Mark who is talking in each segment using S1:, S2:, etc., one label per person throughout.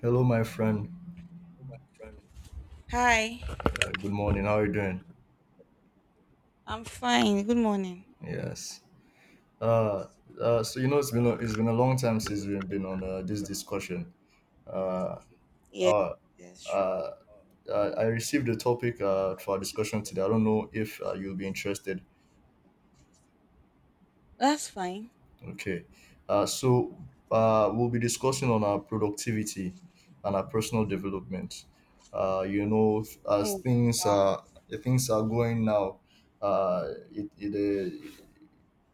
S1: Hello, my friend.
S2: Hi,
S1: Good morning. How are you doing?
S2: I'm fine. Good morning.
S1: Yes. Uh, so you know it's been a long time since we've been on this discussion. Uh,
S2: Yes,
S1: uh,
S2: yes, sure.
S1: uh, I received a topic for our discussion today. I don't know if you'll be interested.
S2: That's fine.
S1: Okay. Uh, so we'll be discussing on our productivity and our personal development. Uh, you know, as
S2: Oh, wow.
S1: things are going now, uh, it, it,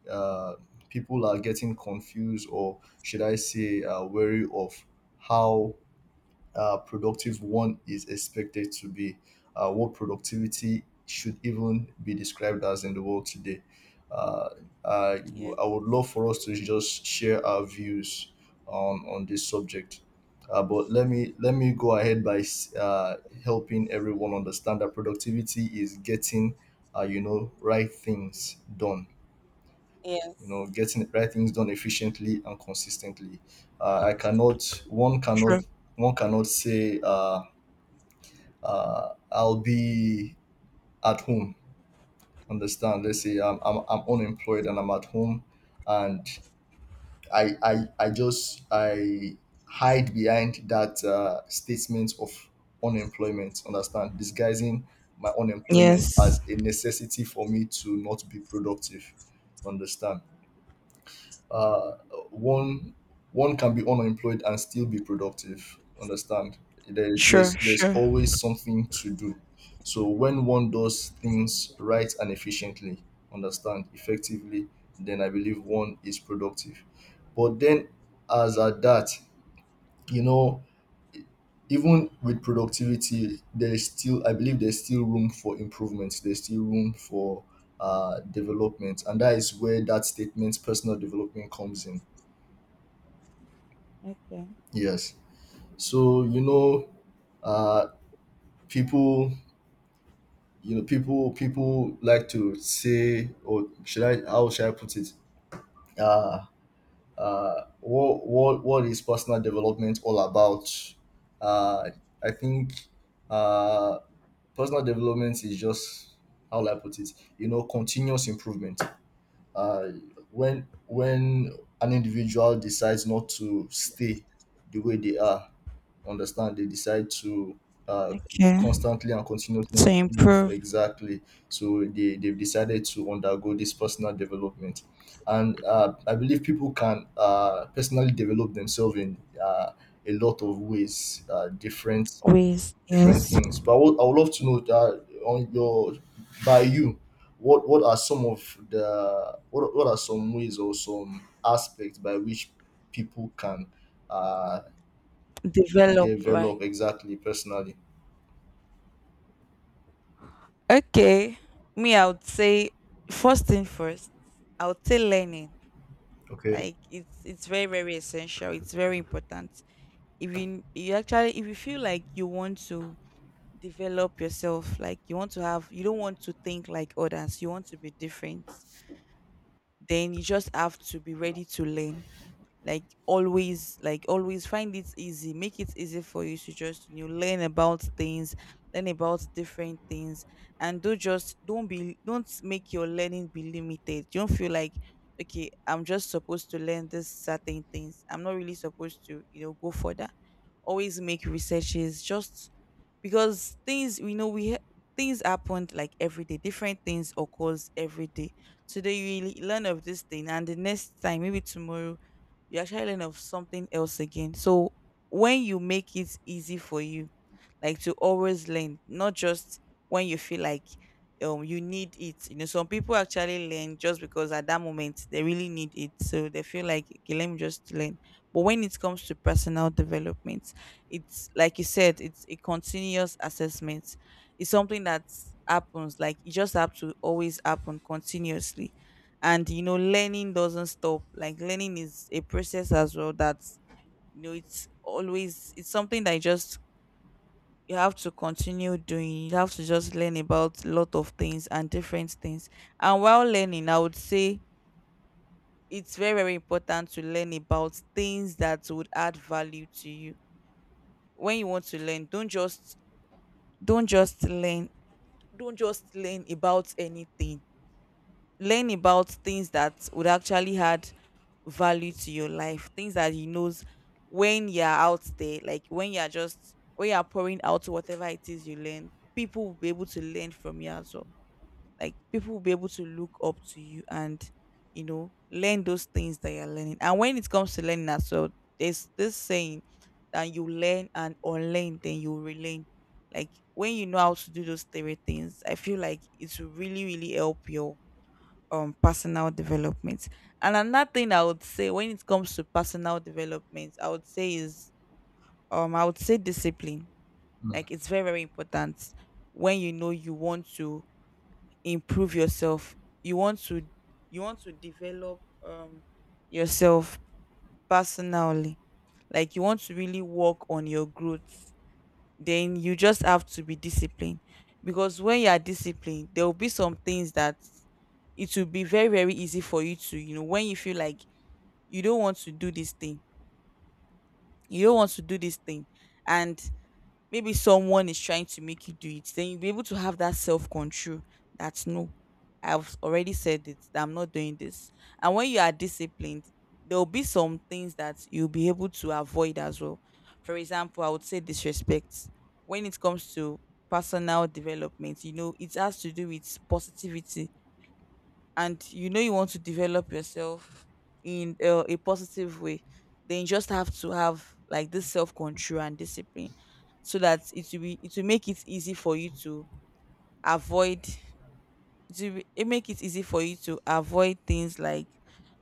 S1: uh, uh, people are getting confused or should I say wary of how productive one is expected to be, what productivity should even be described as in the world today. uh, I
S2: Yes,
S1: would love for us to just share our views on this subject, but let me go ahead by helping everyone understand that productivity is getting, you know, right things done, you
S2: yes.
S1: know, getting the right things done efficiently and consistently. I cannot One cannot,
S2: Sure.
S1: one cannot say, I'll be at home. Understand, let's say I'm unemployed and I'm at home, and I just I hide behind that statement of unemployment, understand, disguising my unemployment as
S2: Yes.
S1: a necessity for me to not be productive. Understand? uh, one One can be unemployed and still be productive. Understand?
S2: Sure,
S1: There's
S2: sure.
S1: always something to do. So when one does things right and efficiently, understand, effectively, then I believe one is productive. But then, as at that, you know, even with productivity, there is still, I believe there's still room for improvement. There's still room for development, and that is where that statement personal development comes in.
S2: Okay.
S1: Yes. So you know, uh, people, people like to say, or should I? How should I put it? Uh, what is personal development all about? Uh, I think, uh, personal development is just, how will I put it? You know, continuous improvement. uh, when an individual decides not to stay the way they are, understand, they decide to, uh,
S2: Okay.
S1: constantly and continuously
S2: To
S1: improve,
S2: improve
S1: exactly. So they've decided to undergo this personal development, and I believe people can personally develop themselves in uh, a lot of ways, different
S2: ways,
S1: different
S2: yes.
S1: things. But what I would love to know that on your, by you, what are some ways or some aspects by which people can uh
S2: Develop,
S1: develop,
S2: right?
S1: exactly, personally?
S2: Okay. Me, I would say first thing first, I would say learning.
S1: Okay.
S2: Like it's very, very essential. It's very important. If you actually if you feel like you want to develop yourself, like you want to have, you don't want to think like others, you want to be different, then you just have to be ready to learn, like always, like always find it easy, make it easy for you to just, you know, learn about things, learn about different things. And don't be, don't make your learning be limited. You don't feel like, okay, I'm just supposed to learn this certain things, I'm not really supposed to, you know, go further. Always make researches just because things we know we ha- things happened, like every day different things occurs every day. Today you really learn of this thing, and the next time, maybe tomorrow, you actually learn of something else again. So when you make it easy for you, like to always learn, not just when you feel like you need it. You know, some people actually learn just because at that moment they really need it, so they feel like, okay, let me just learn. But when it comes to personal development, it's like you said, it's a continuous assessment. It's something that happens, like it just have to always happen continuously. And you know, learning doesn't stop. Like learning is a process as well, that's, you know, it's always, it's something that you just, you have to continue doing. You have to just learn about a lot of things and different things. And while learning, I would say it's very very important to learn about things that would add value to you. When you want to learn, don't just learn don't just learn about anything. Learn about things that would actually add value to your life, things that he knows, when you're out there, like when you're just, when you're pouring out whatever it is you learn, people will be able to learn from you as well. Like people will be able to look up to you and, you know, learn those things that you're learning. And when it comes to learning as well, there's this saying that you learn and unlearn, then you relearn. Like when you know how to do those three things, I feel like it will really really help your personal development. And another thing I would say when it comes to personal development, I would say is, I would say discipline.
S1: Mm.
S2: Like it's very very important. When you know you want to improve yourself, you want to, you want to develop yourself personally, like you want to really work on your growth, then you just have to be disciplined. Because when you are disciplined, there will be some things that it will be very very easy for you to, you know, when you feel like you don't want to do this thing, you don't want to do this thing and maybe someone is trying to make you do it, then you'll be able to have that self control that, no, I've already said it, that I'm not doing this. And when you are disciplined, there'll be some things that you'll be able to avoid as well. For example, I would say disrespect. When it comes to personal development, you know, it has to do with positivity. And you know, you want to develop yourself in a positive way, then you just have to have like this self control and discipline, so that it will be, it will make it easy for you to avoid, it make it easy for you to avoid things like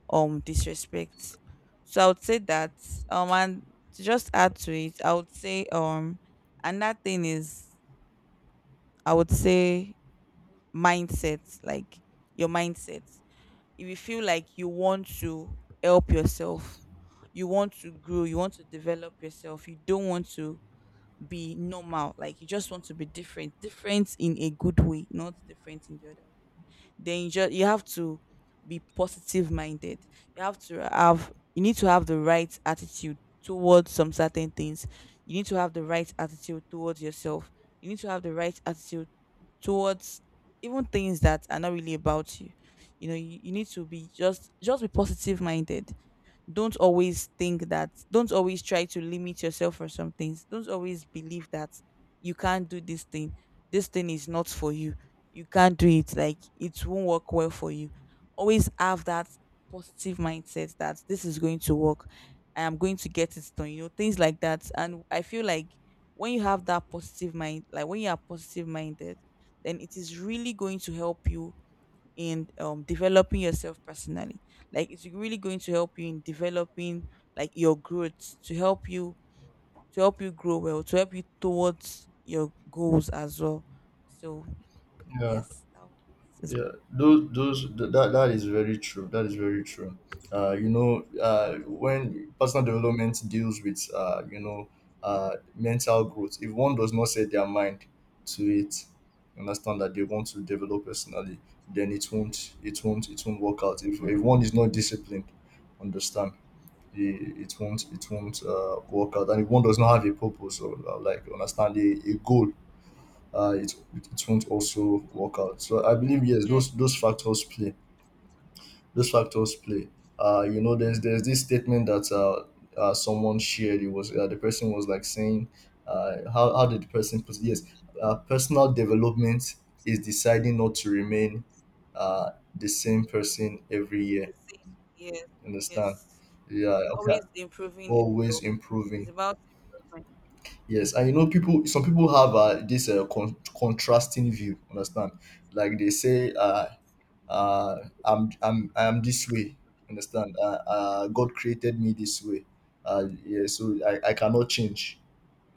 S2: disrespect. So I would say that. And to just add to it, I would say, another thing is, I would say mindset. Like your mindset, if you feel like you want to help yourself, you want to grow, you want to develop yourself, you don't want to be normal, like you just want to be different, different in a good way, not different in the other way, then you have to be positive minded. You have to have, you need to have the right attitude towards some certain things, you need to have the right attitude towards yourself, you need to have the right attitude towards even things that are not really about you. You know, you need to be just be positive minded. Don't always try to limit yourself for some things. Don't always believe that you can't do this thing, this thing is not for you, you can't do it, like it won't work well for you. Always have that positive mindset that this is going to work, I am going to get it done, you know, things like that. And I feel like when you have that positive mind, like when you are positive minded, then it is really going to help you in, developing yourself personally. Like it's really going to help you in developing, like your growth, to help you grow well, to help you towards your goals as well. So
S1: Yeah.
S2: yes, that is
S1: Yeah, those th- that That is very true. That is very true. When personal development deals with, mental growth, if one does not set their mind to it, understand, that they want to develop personally, then it won't work out. If one is not disciplined, understand, it won't work out. And if one does not have a purpose or like, understand, a goal, uh, it it won't also work out. So I believe, yes,
S2: yes.
S1: those factors play. Those factors play. You know, there's this statement that someone shared. It was the person was like saying, how did the person put it? Yes, personal development is deciding not to remain uh the same person every year.
S2: The same. Yes.
S1: Understand?
S2: Yes,
S1: Yeah. Okay.
S2: always improving
S1: Always
S2: yourself. It's
S1: improving.
S2: about improvement.
S1: Yes, and you know, people. Some people have this contrasting view. Understand? Like they say, uh, I'm this way." Understand? God created me this way. Yeah, so I cannot change.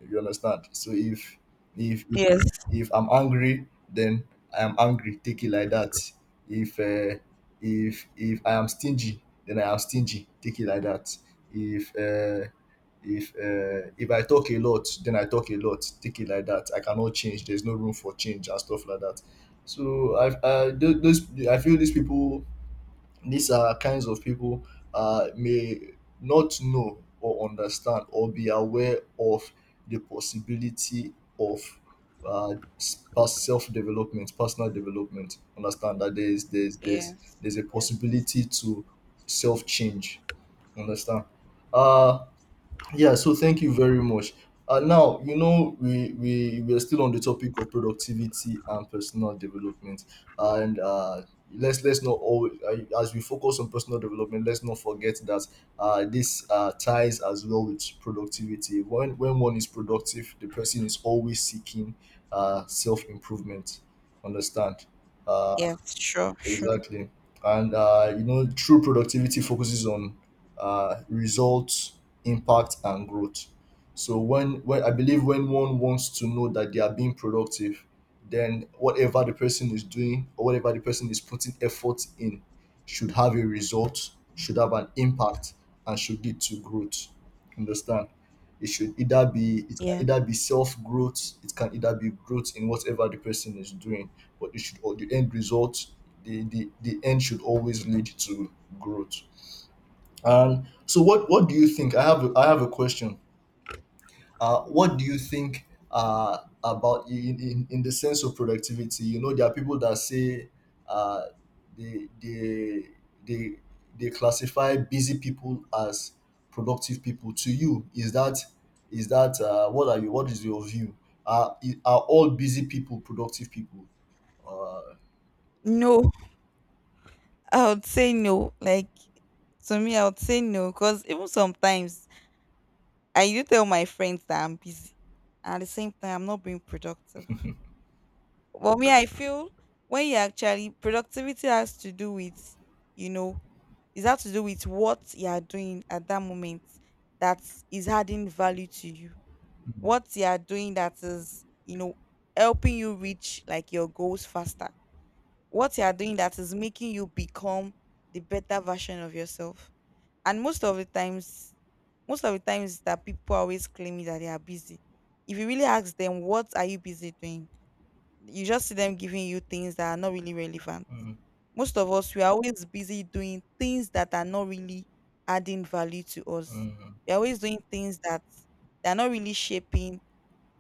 S1: You understand? So if if if
S2: Yes.
S1: if I'm angry, then I am angry. Take it like that. If uh, if I am stingy, then I am stingy. Take it like that. If uh, if I talk a lot, then I talk a lot. Take it like that. I cannot change. There's no room for change and stuff like that. So I th- those I feel these people, these are kinds of people may not know or understand or be aware of the possibility of self development, personal development. Understand that there is, there's there's
S2: Yes.
S1: there's a
S2: Yes.
S1: possibility to self change. Understand? Uh yeah, so thank you very much. Now, you know, we are still on the topic of productivity and personal development. And let's not always, as we focus on personal development, let's not forget that this ties as well with productivity. When one is productive, the person is always seeking self improvement. Understand? Uh,
S2: Yes, sure, sure.
S1: Exactly. And you know, true productivity focuses on results, impact, and growth. So when I believe when one wants to know that they are being productive, then whatever the person is doing or whatever the person is putting effort in should have a result, should have an impact, and should lead to growth. Understand? It can
S2: Yeah.
S1: either be self growth, it can either be growth in whatever the person is doing, but it should, or the end result, the end should always lead to growth. And so, what do you think? I have a question. What do you think about in the sense of productivity? You know, there are people that say, uh, they they they they classify busy people as productive people. To you, is that, is that what are you? What is your view? Are are all busy people productive people? Uh,
S2: No, I would say no. Like to me, I would say no, because even sometimes I do tell my friends that I'm busy, and at the same time, I'm not being productive. But me, I feel, when you actually, productivity has to do with, you know, is has to do with what you are doing at that moment that is adding value to you.
S1: Mm,
S2: What you are doing that is, you know, helping you reach like your goals faster. What you are doing that is making you become the better version of yourself. And most of the times that people are always claiming that they are busy, if you really ask them, what are you busy doing? You just see them giving you things that are not really relevant.
S1: mm,
S2: Most of us, we are always busy doing things that are not really adding value to us.
S1: mm,
S2: We're always doing things that they're not really shaping,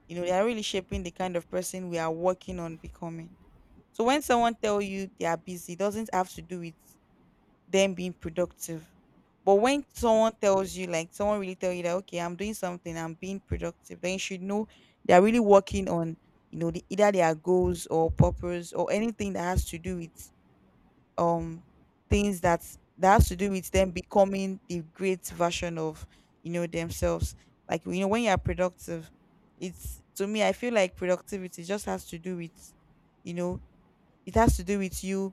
S2: you know, they are really shaping the kind of person we are working on becoming. So when someone tell you they are busy, it doesn't have to do with them being productive. But when someone tells you, like someone really tell you that, okay, I'm doing something, I'm being productive, then you should know they're really working on, you know, the, either their goals or purpose or anything that has to do with um things that, that has to do with them becoming the great version of, you know, themselves. Like you know, when you are productive, it's, to me I feel like productivity just has to do with, you know, it has to do with you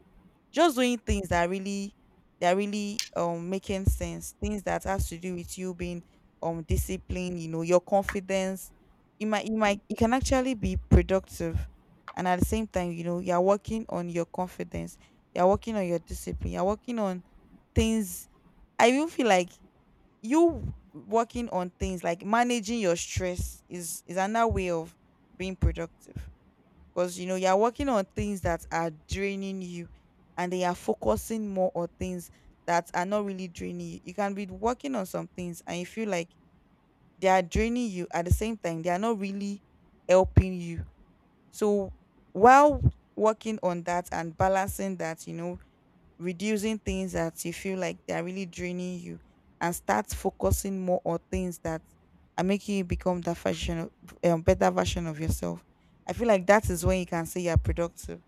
S2: just doing things that are really, that are really making sense. Things that has to do with you being disciplined, you know, your confidence. You might you can actually be productive, and at the same time, you know, you're working on your confidence, you're working on your discipline, you're working on things. I even feel like you working on things like managing your stress is another way of being productive, because you know, you're working on things that are draining you, and they are focusing more on things that are not really draining you. You can be working on some things and you feel like they are draining you, at the same time they are not really helping you. So while working on that and balancing that, you know, reducing things that you feel like they're really draining you, and start focusing more on things that are making you become that version of, better version of yourself, I feel like that is when you can say you're productive.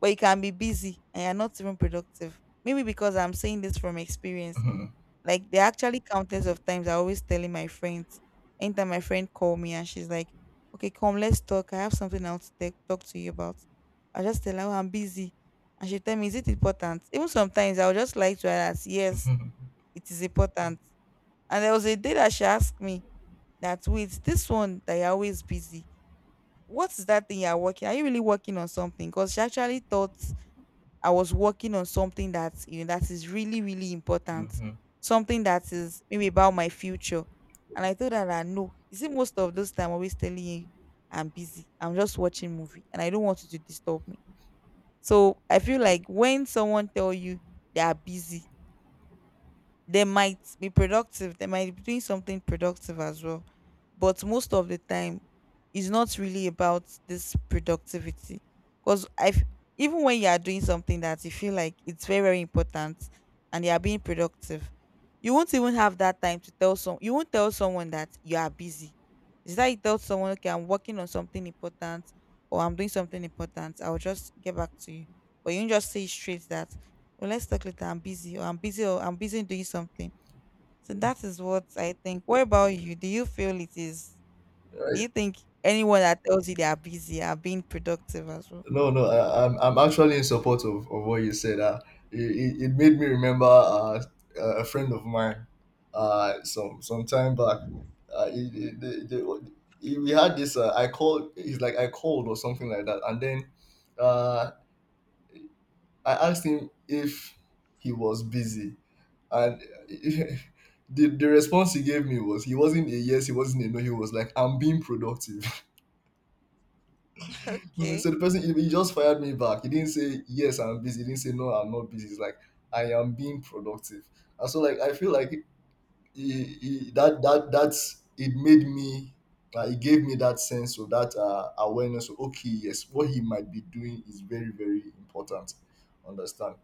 S2: But you can be busy and you're not even productive. Maybe because, I'm saying this from experience,
S1: mm.
S2: like there are actually countless of times I always telling my friends. Anytime my friend call me and she's like, "Okay, come, let's talk. I have something else to talk to you about." I just tell her, "Oh, I'm busy," and she tell me, "Is it important?" Even sometimes I would just like to add that, "Yes,
S1: Mm.
S2: it is important." And there was a day that she asked me that, "Wait, this one that you're always busy, what is that thing you're working? Are you really working on something?" Because she actually thought I was working on something that, that is really really important,
S1: Mhm.
S2: something that is maybe about my future. And I told her that, no, you see, most of those time I'm always telling you I'm busy. I'm just watching movie, and I don't want you to disturb me. So I feel like when someone tell you they are busy, they might be productive. They might be doing something productive as well, but most of the time it's not really about this productivity. Because even when you are doing something that you feel like it's very very important and you are being productive, you won't even have that time to tell some, you won't tell someone that you are busy. It's like you tell someone, okay, I'm working on something important, or I'm doing something important, I'll just get back to you. But you don't just say straight that, well, let's talk later. I'm busy, or I'm busy, or I'm busy doing something. So that is what I think. What about you? Do you feel it is? Do
S1: Right.
S2: you think anyone that tells you they are busy are being productive as well?
S1: No, no, I'm actually in support of what you said. It, it it made me remember a friend of mine, some time back. Uh, he, he- the- the- we had this. I called. He's like I called or something like that, and then, uh, I asked him if he was busy, and the response he gave me was, he wasn't a yes, he wasn't a no. He was like, I'm being productive. Mm.
S2: Okay.
S1: So the person he just fired me back. He didn't say yes, I'm busy. He didn't say no, I'm not busy. It's like I am being productive. And so like, I feel like he, that that that's it made me. It gave me that sense of that, awareness of okay, yes, what he might be doing is very very important. Understand?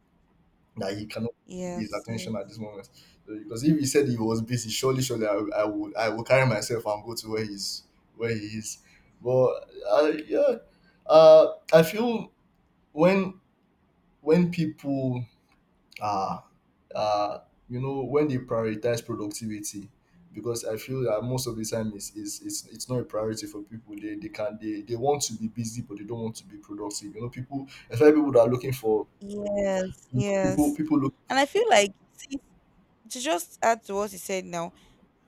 S1: That he cannot get his
S2: Yes,
S1: attention at
S2: yes,
S1: this moment. So, because if he said he was busy, surely, surely I will carry myself and go to where he's where he is. But yeah, uh, I feel when people are, uh, you know, when they prioritize productivity, because I feel that most of the time it's not a priority for people. They want to be busy but they don't want to be productive. You know people, especially people that are looking for,
S2: yes,
S1: you know, people
S2: yes.
S1: people look,
S2: And I feel like, see, to just add to what you said now,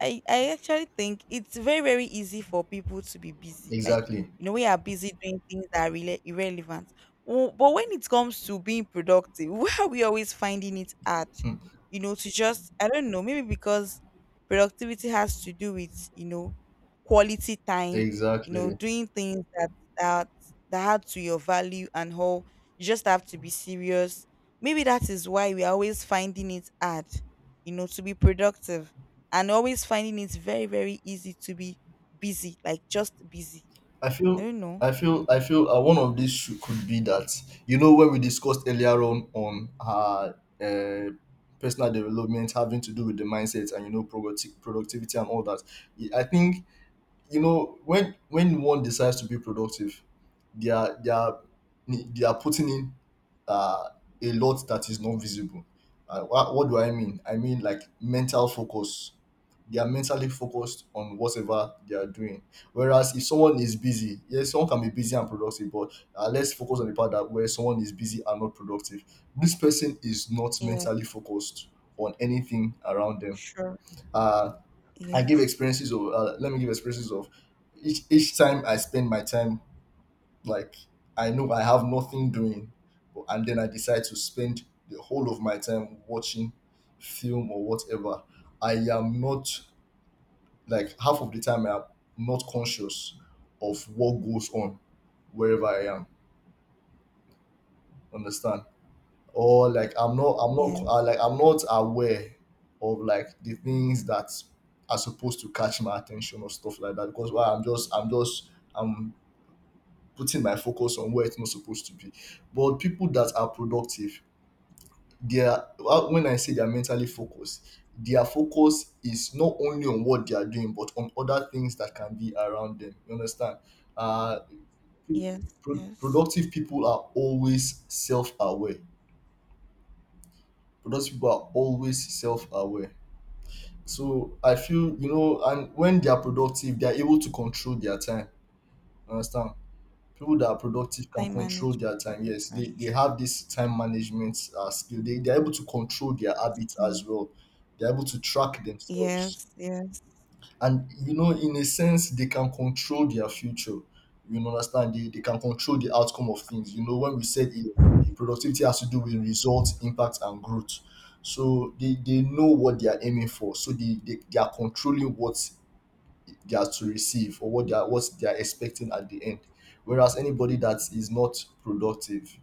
S2: I actually think it's very very easy for people to be busy. Like,
S1: exactly.
S2: we are busy doing things that are really irrelevant. But when it comes to being productive, why are we always finding it hard?
S1: Hmm.
S2: To just, I don't know. Maybe because productivity has to do with, quality time. You know,
S1: Exactly.
S2: doing things that that that add to your value and whole. You just have to be serious. Maybe that is why we are always finding it hard. You know, to be productive and always finding it very, very easy to be busy, like just busy.
S1: I
S2: I
S1: feel
S2: don't know.
S1: I feel one of these should, could be that, you know, when we discussed earlier on her uh, personal development having to do with the mindset, and you know productivity and all that. I think, you know, when one decides to be productive, they are they are they are putting in uh, a lot that is not visible. What do I mean? I mean like mental focus. They are mentally focused on whatever they are doing, whereas if someone is busy, yes, someone can be busy and productive, but let's focus on the part that where someone is busy and not productive. This person is not
S2: Yeah,
S1: mentally focused on anything around them.
S2: sure.
S1: uh I give
S2: Yes,
S1: experiences of, let me give experiences of, each time I spend my time, like, I know I have nothing doing, and then I decide to spend the whole of my time watching film or whatever. I am not, like half of the time I am not conscious of what goes on wherever I am. Understand? Or like, I'm not
S2: yes,
S1: like I'm not aware of like the things that are supposed to catch my attention or stuff like that, because why, I'm just I'm putting my focus on where it's not supposed to be. But people that are productive, they are, well, when I say they're mentally focused, their focus is not only on what they are doing but on other things that can be around them, you understand. uh
S2: yes, yes.
S1: Productive people are always self-aware. Productive people are always self-aware. So I feel, you know, and when they are productive, they are able to control their time. Understand? People that are productive can
S2: Time
S1: control
S2: management.
S1: their time. Yes,
S2: Are
S1: they have this time management skill. They are able to control their habits as
S2: skill.
S1: well. They are able to track themselves,
S2: Yes, yes,
S1: and you know, in a sense they can control their future. You understand, they can control the outcome of things. You know, when we said you productivity has to do with results, impact and growth, so they know what they are aiming for, so they are controlling what they are to receive, or what they are, what they are expecting at the end. Whereas anybody that is not productive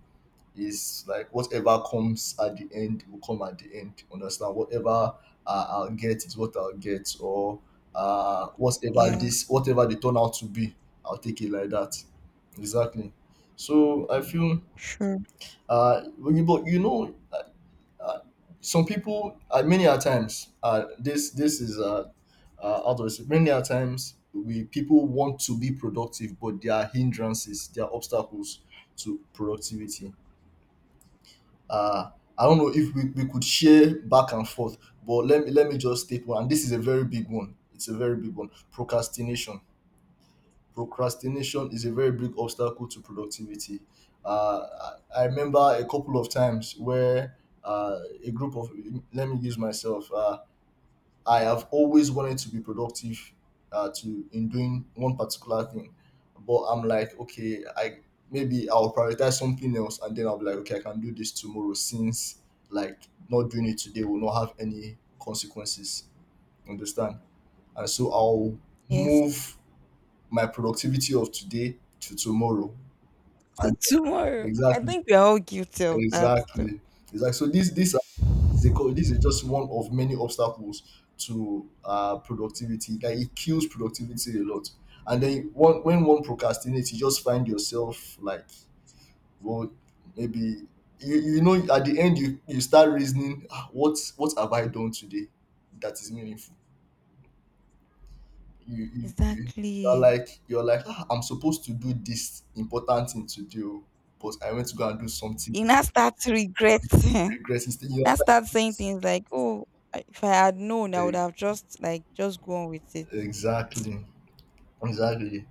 S1: is like whatever comes at the end will come at the end. You understand? Whatever I'll get is what I'll get, or whatever
S2: yes,
S1: this, whatever they turn out to be, I'll take it like that. Exactly. So I feel,
S2: sure.
S1: when you- but you know, uh, some people, many a times, this this is out of this, many a times we people want to be productive, but there are hindrances, there are obstacles to productivity. um I don't know if we could share back and forth, but let me just take one, and this is a very big one. It's a very big one. Procrastination. Procrastination is a very big obstacle to productivity. I remember a couple of times where a group of let me use myself. I have always wanted to be productive, to in doing one particular thing, but I'm like, okay, I maybe I'll prioritize something else, and then I'll be like, okay, I can do this tomorrow, since like not doing it today will not have any consequences. Understand? And so I'll
S2: Yes.
S1: move my productivity of today to tomorrow,
S2: So,
S1: and
S2: tomorrow, I
S1: exactly,
S2: think we're all guilty of that too.
S1: exactly, exactly. So this it's a co- this is just one of many obstacles to productivity. Like it kills productivity a lot. And then one, when one procrastinates, you just find yourself like, well, maybe you, you know, at the end you, you start reasoning, "Ah, what have I done today that is meaningful? You are
S2: Exactly.
S1: like, you're like, ah, I'm supposed to do this important thing to do, but I went to go and do something."
S2: You now start to regret. Now
S1: Regret instead. You are like,
S2: start saying
S1: "Please."
S2: things like, oh, if I had known, I would
S1: Eh,
S2: have just like just gone with it.
S1: exactly. Exactly.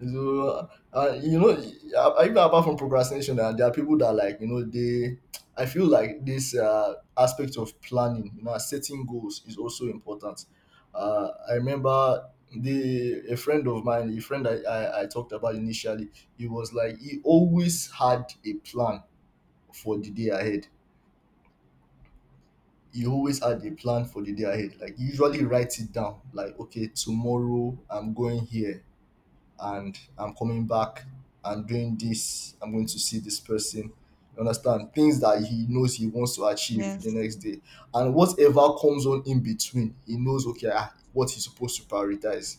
S1: So, you know, even apart from procrastination, there are people that, like, you know, they. I feel like this aspect of planning, you know, setting goals is also important. I remember the a friend of mine, a friend I talked about initially, he was like he always had a plan for the day ahead. He always had a plan for the day ahead. Like he usually writes it down. Like okay, tomorrow I'm going here and I'm coming back and doing this. I'm going to see this person. You understand? Things that he knows he wants to achieve the
S2: Yes,
S1: next day. And whatever comes on in between, he knows, okay, ah, what he's supposed to prioritize.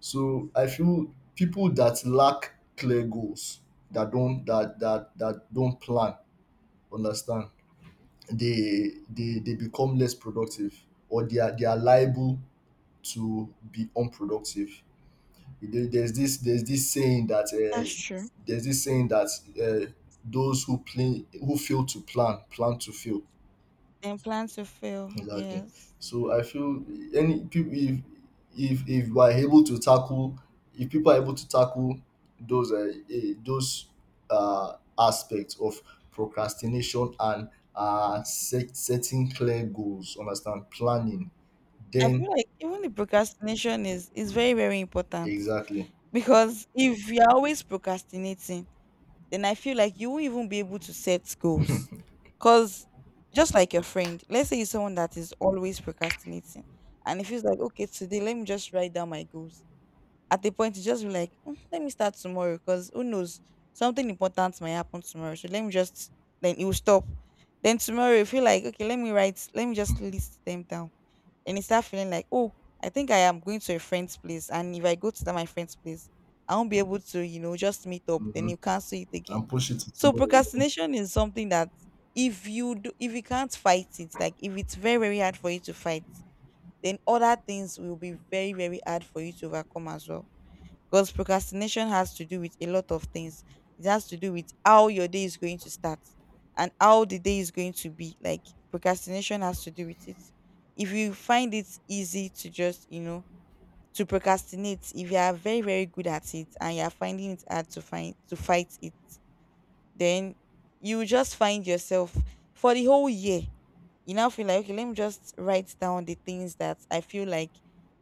S1: So I feel people that lack clear goals, that don't that don't plan, understand, they become less productive, or they are liable to be unproductive. There's this saying that
S2: that's true.
S1: there's this saying that uh, those who play who fail to plan plan to fail.
S2: Then plan to fail.
S1: Exactly.
S2: Yes.
S1: So I feel any people, if if we are able to tackle, if people are able to tackle those those aspects of procrastination and setting clear goals, understand, planning,
S2: I
S1: then
S2: feel like even the procrastination is very, very important,
S1: exactly.
S2: because if you're always procrastinating, then I feel like you won't even be able to set goals. Cause just like your friend, let's say you're someone that is always procrastinating, and it feels like, okay, today let me just write down my goals. At the point you just be like, "Mm, let me start tomorrow because who knows, something important might happen tomorrow. So let me just, then it will stop. Then tomorrow you feel like, okay, let me write, let me just list them down. And you start feeling like, oh, I think I am going to a friend's place, and if I go to that my friend's place, I won't be able to, you know, just meet up. Then
S1: Mhm,
S2: you cancel it again.
S1: and push it to
S2: So
S1: tomorrow. You
S2: procrastination is something that, if you do, if you can't fight it, like if it's very very hard for you to fight, then other things will be very very hard for you to overcome as well. Because procrastination has to do with a lot of things. It has to do with how your day is going to start and how the day is going to be. Like, procrastination has to do with it. If you find it easy to just, you know, to procrastinate, if you are very, very good at it and you are finding it hard to find to fight it, then you will just find yourself for the whole year. You now feel like, okay, let me just write down the things that I feel like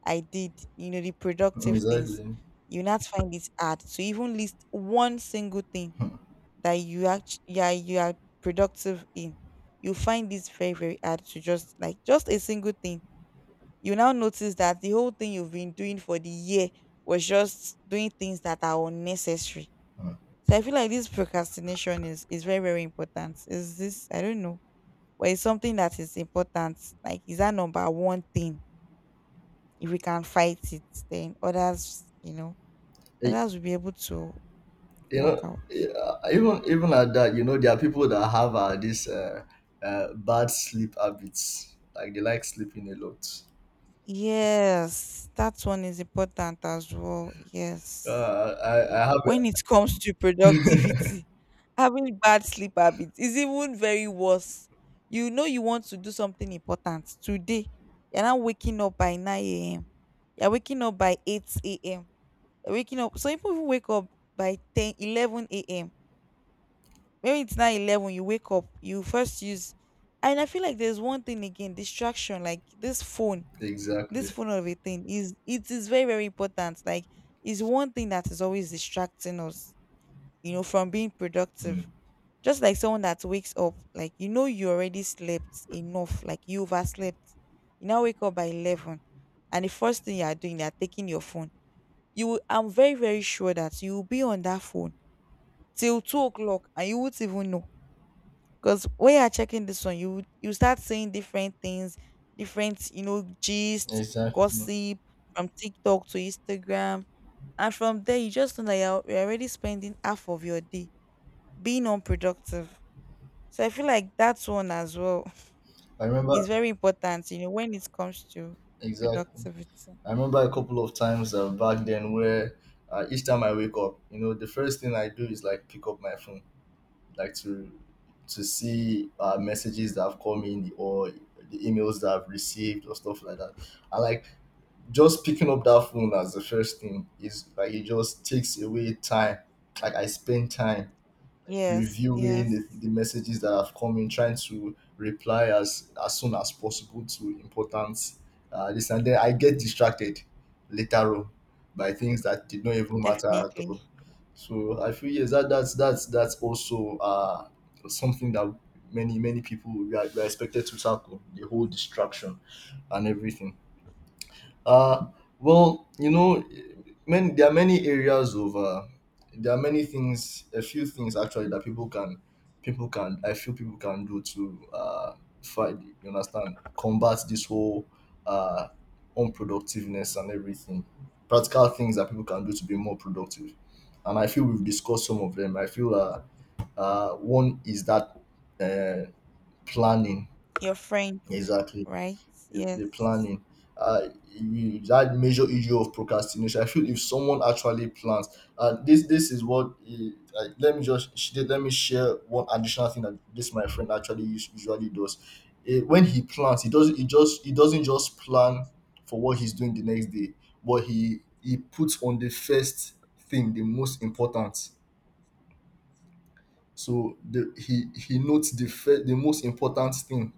S2: I did, you know, the
S1: know?
S2: productive things.
S1: Exactly.
S2: You not find it hard to even list one single thing that you actually, yeah, you are productive in. You find this very very hard to just like just a single thing. You now notice that the whole thing you've been doing for the year was just doing things that are unnecessary. So I feel like this procrastination is very very important. Is this, I don't know, but it's something that is important. Like, is that number one thing? If we can fight it, then others, you know, others will be able to
S1: You
S2: work
S1: know,
S2: out.
S1: yeah, even even at that, you know, there are people that have this bad sleep habits, like they like sleeping a lot.
S2: Yes, that one is important as well. Yes.
S1: I have
S2: When
S1: a-
S2: it comes to productivity, having bad sleep habits is even very worse. You know, you want to do something important today. You're not waking up by 9 a.m., you're waking up by 8 a.m. Waking up, some people even wake up by 10, 11 a.m. Maybe it's now 11 you wake up, you first use. And I feel like there's one thing again, distraction, like this phone. This
S1: exactly.
S2: phone of a thing is, it is very very important. Like, it's one thing that is always distracting us, you know, from being
S1: Hmm.
S2: productive. Just like someone that wakes up, like, you know, you already slept enough, like you overslept, you now wake up by 11, and the first thing you are doing, you are taking your phone. You will, I'm very very sure that you will be on that phone till 2 o'clock and you won't even know. Because when you are checking this one, you start seeing different things, different, you know, gist,
S1: Exactly.
S2: gossip, from TikTok to Instagram. And from there you just know that you're already spending half of your day being unproductive. So I feel like that one as well
S1: I
S2: is
S1: remember,
S2: very important, you know, when it comes to
S1: exactly,
S2: productivity.
S1: I remember a couple of times back then, where each time I wake up, you know, the first thing I do is like pick up my phone, like to see messages that have come in, or the emails that I've received, or stuff like that. I like just picking up that phone as the first thing is like it just takes away time. Like I spend time
S2: Yes,
S1: reviewing
S2: yes,
S1: the messages that have come in, trying to reply as soon as possible to important this, and then I get distracted later on by things that did not even matter at all.
S2: definitely.
S1: So I feel, yes, that that's also something that many many people, we are expected to tackle the whole distraction and everything. Uh, well, you know, many, there are many areas of there are many things, a few things actually that people can, I feel people can do to fight. You understand, combat this whole uh, unproductiveness and everything. Practical things that people can do to be more productive, and I feel we've discussed some of them. I feel one is that uh, planning,
S2: Your friend,
S1: exactly,
S2: right?
S1: the
S2: Yes.
S1: planning uh you, that major issue of procrastination, I feel if someone actually plans this this is what eh, like, let me share one additional thing that this my friend actually us- usually does. Eh, when he plans, he doesn't, he just, he doesn't just plan for what he's doing the next day, but he puts on the first thing the most important. So the he notes the first the most important thing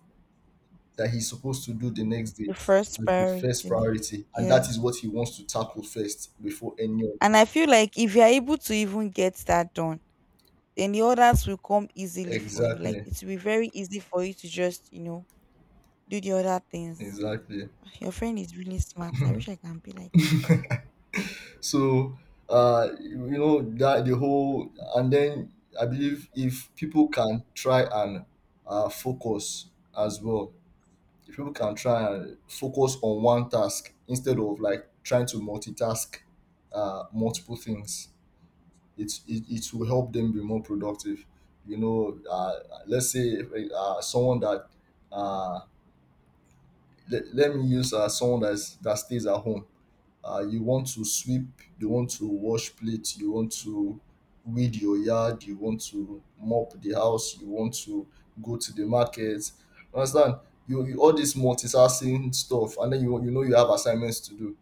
S1: that he's supposed to do the next day,
S2: The first
S1: as the first
S2: priority.
S1: priority. And that is what
S2: Yes.
S1: he wants to tackle first before any
S2: And
S1: other.
S2: I feel like, if you're able to even get that done, then the others will come easily for you. Like,
S1: Exactly.
S2: it will be very easy for you to just, you know, do the other things.
S1: Exactly.
S2: Your friend is really smart. I wish I can be like your friend.
S1: So you know, that the whole, and then I believe if people can try and focus as well. If people can try and focus on one task, instead of like trying to multitask multiple things, it will help them be more productive. You know, let's say someone that uh, let me use someone that's, that stays at home, you want to sweep, you want to wash plates, you want to weed your yard, you want to mop the house, you want to go to the market, understand, you all this multitasking stuff, and then you know, you have assignments to do.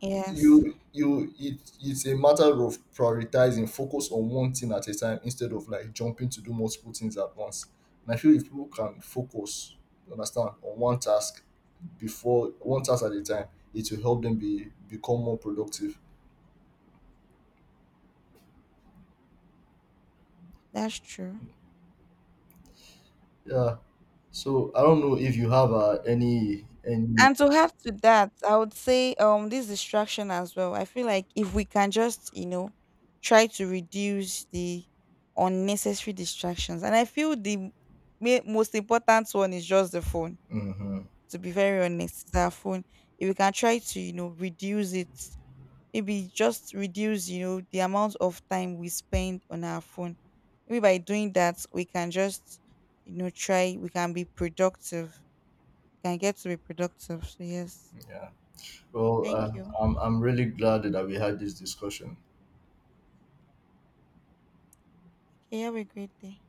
S2: Yes,
S1: You, it it's a matter of prioritizing, focus on one thing at a time instead of like jumping to do multiple things at once. And I feel if people can focus, you understand, on one task, before one task at a time, it will help them be become more productive.
S2: that's true.
S1: Yeah, so I don't know if you have any
S2: And to add to that, I would say, um, this distraction as well. I feel like, if we can just, you know, try to reduce the unnecessary distractions. And I feel the most important one is just the phone,
S1: hmm
S2: to be very honest, is our phone. If we can try to, you know, reduce it, maybe just reduce, you know, the amount of time we spend on our phone. Maybe by doing that, we can just, you know, try, we can be productive. We can get to be productive. So, yes.
S1: yeah well
S2: Thank you.
S1: I'm really glad that we had this discussion.
S2: Okay, have a great day.